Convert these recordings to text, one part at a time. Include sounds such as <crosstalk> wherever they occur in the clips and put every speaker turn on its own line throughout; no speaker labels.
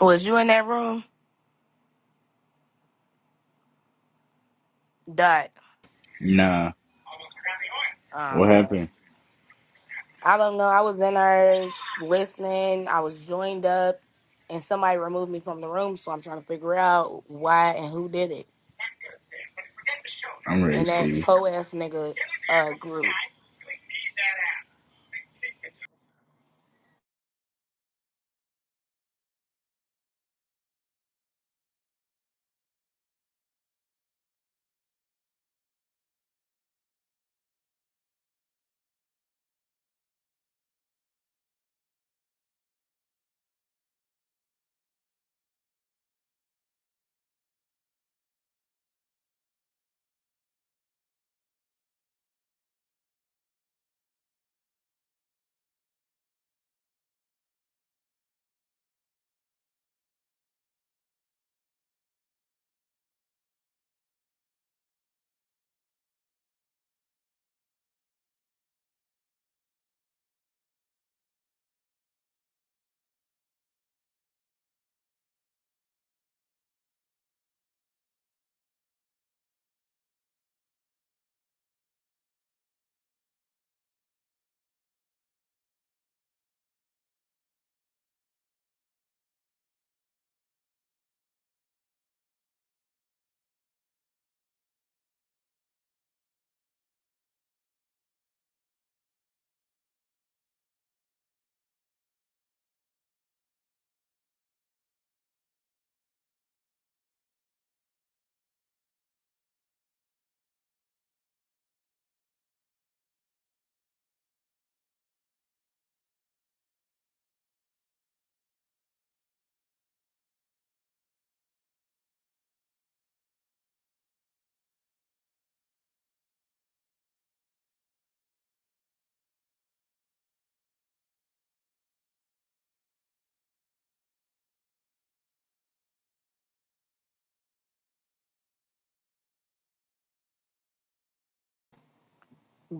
Was you in that room? Dot.
Nah.
Oh,
What
okay.
happened?
I don't know. I was in there listening. I was joined up, and somebody removed me from the room. So I'm trying to figure out why and who did it.
I'm ready to
And that
see.
po ass nigga uh, group.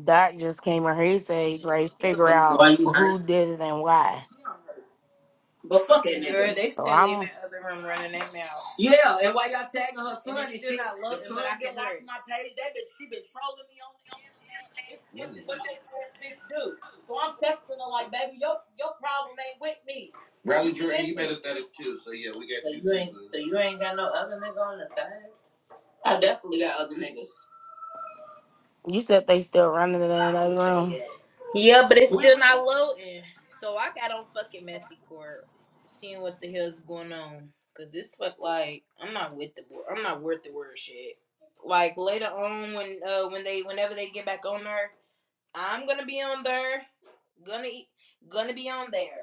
Dot just came in his age, right? Figure out
Why you
who
hurt?
did it and why.
But fuck that Girl, they
So
still in
I'm.
that other room running their mouth. Yeah, and why y'all tagging her son And and still shit? not The loving, son but I can hear my page. That bitch, she been trolling me on the internet. This is what mm. this old ass bitch do. So I'm texting her like, baby, your your problem ain't with me. Riley Jordan, you made us status too, so yeah, we got so you. You ain't, so you ain't got no other nigga on the side? I definitely got other niggas.
You said they still running in another room?
Yeah, but it's still not loading. So I got on fucking messy court, seeing what the hell's going on. Cause this fuck like I'm not with the wor- I'm not worth the word shit. Like later on when uh when they whenever they get back on there, I'm gonna be on there, gonna e- gonna be on there.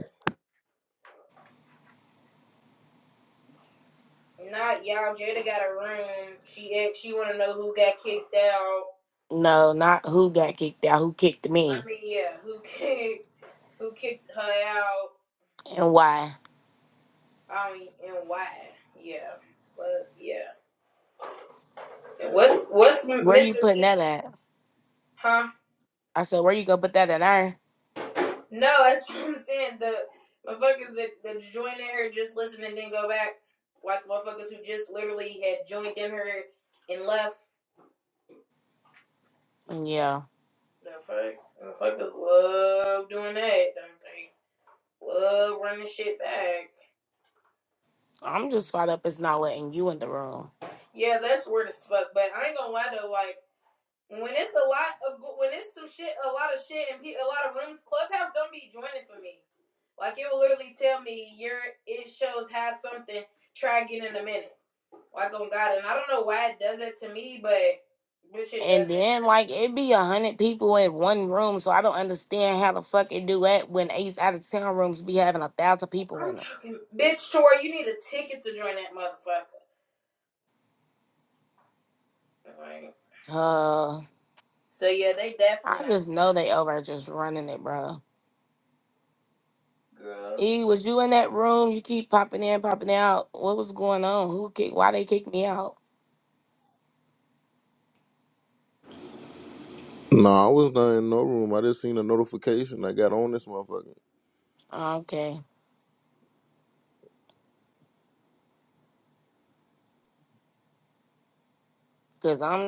Not y'all. Jada got a room. She ex- she wanna know who got kicked out.
No, not who got kicked out. Who kicked
I
me
mean yeah, who <laughs> kicked who kicked her out?
and why?
Um, and why? Yeah, but yeah. What's what's
Where you
Mr.
putting
P?
that at?
Huh?
I said, where you gonna put that in there?
No, that's <laughs> what I'm saying. The motherfuckers that, that joined in her just listen and then go back, like motherfuckers who just literally had joined in her and left.
Yeah.
The fuck, motherfuckers love doing that, don't they? Love running shit back.
I'm just caught up. It's not letting you in the room.
Yeah, that's weird as fuck. But I ain't gonna lie though, like. When it's a lot of when it's some shit, a lot of shit, and a lot of rooms, Clubhouse don't be joining for me. Like it will literally tell me your it shows has something. Try again in a minute. Like on God, and I don't know why it does that to me, but bitch, it does
And
it.
then like it be a hundred people in one room, so I don't understand how the fuck it do that when Ace out of town rooms be having a thousand people
I'm
in them.
talking, bitch, Tori, you need a ticket to join that motherfucker. All Right.
Uh,
So yeah, they definitely
I
not
just
gonna get
know they over just running it, bro.
on. Girl.
E, was you in that room? You keep popping in, popping out. What was going on? Who kicked? Why they kicked me out?
No, I was not in no room. I just seen a notification. I got on this motherfucker.
Okay, cause I'm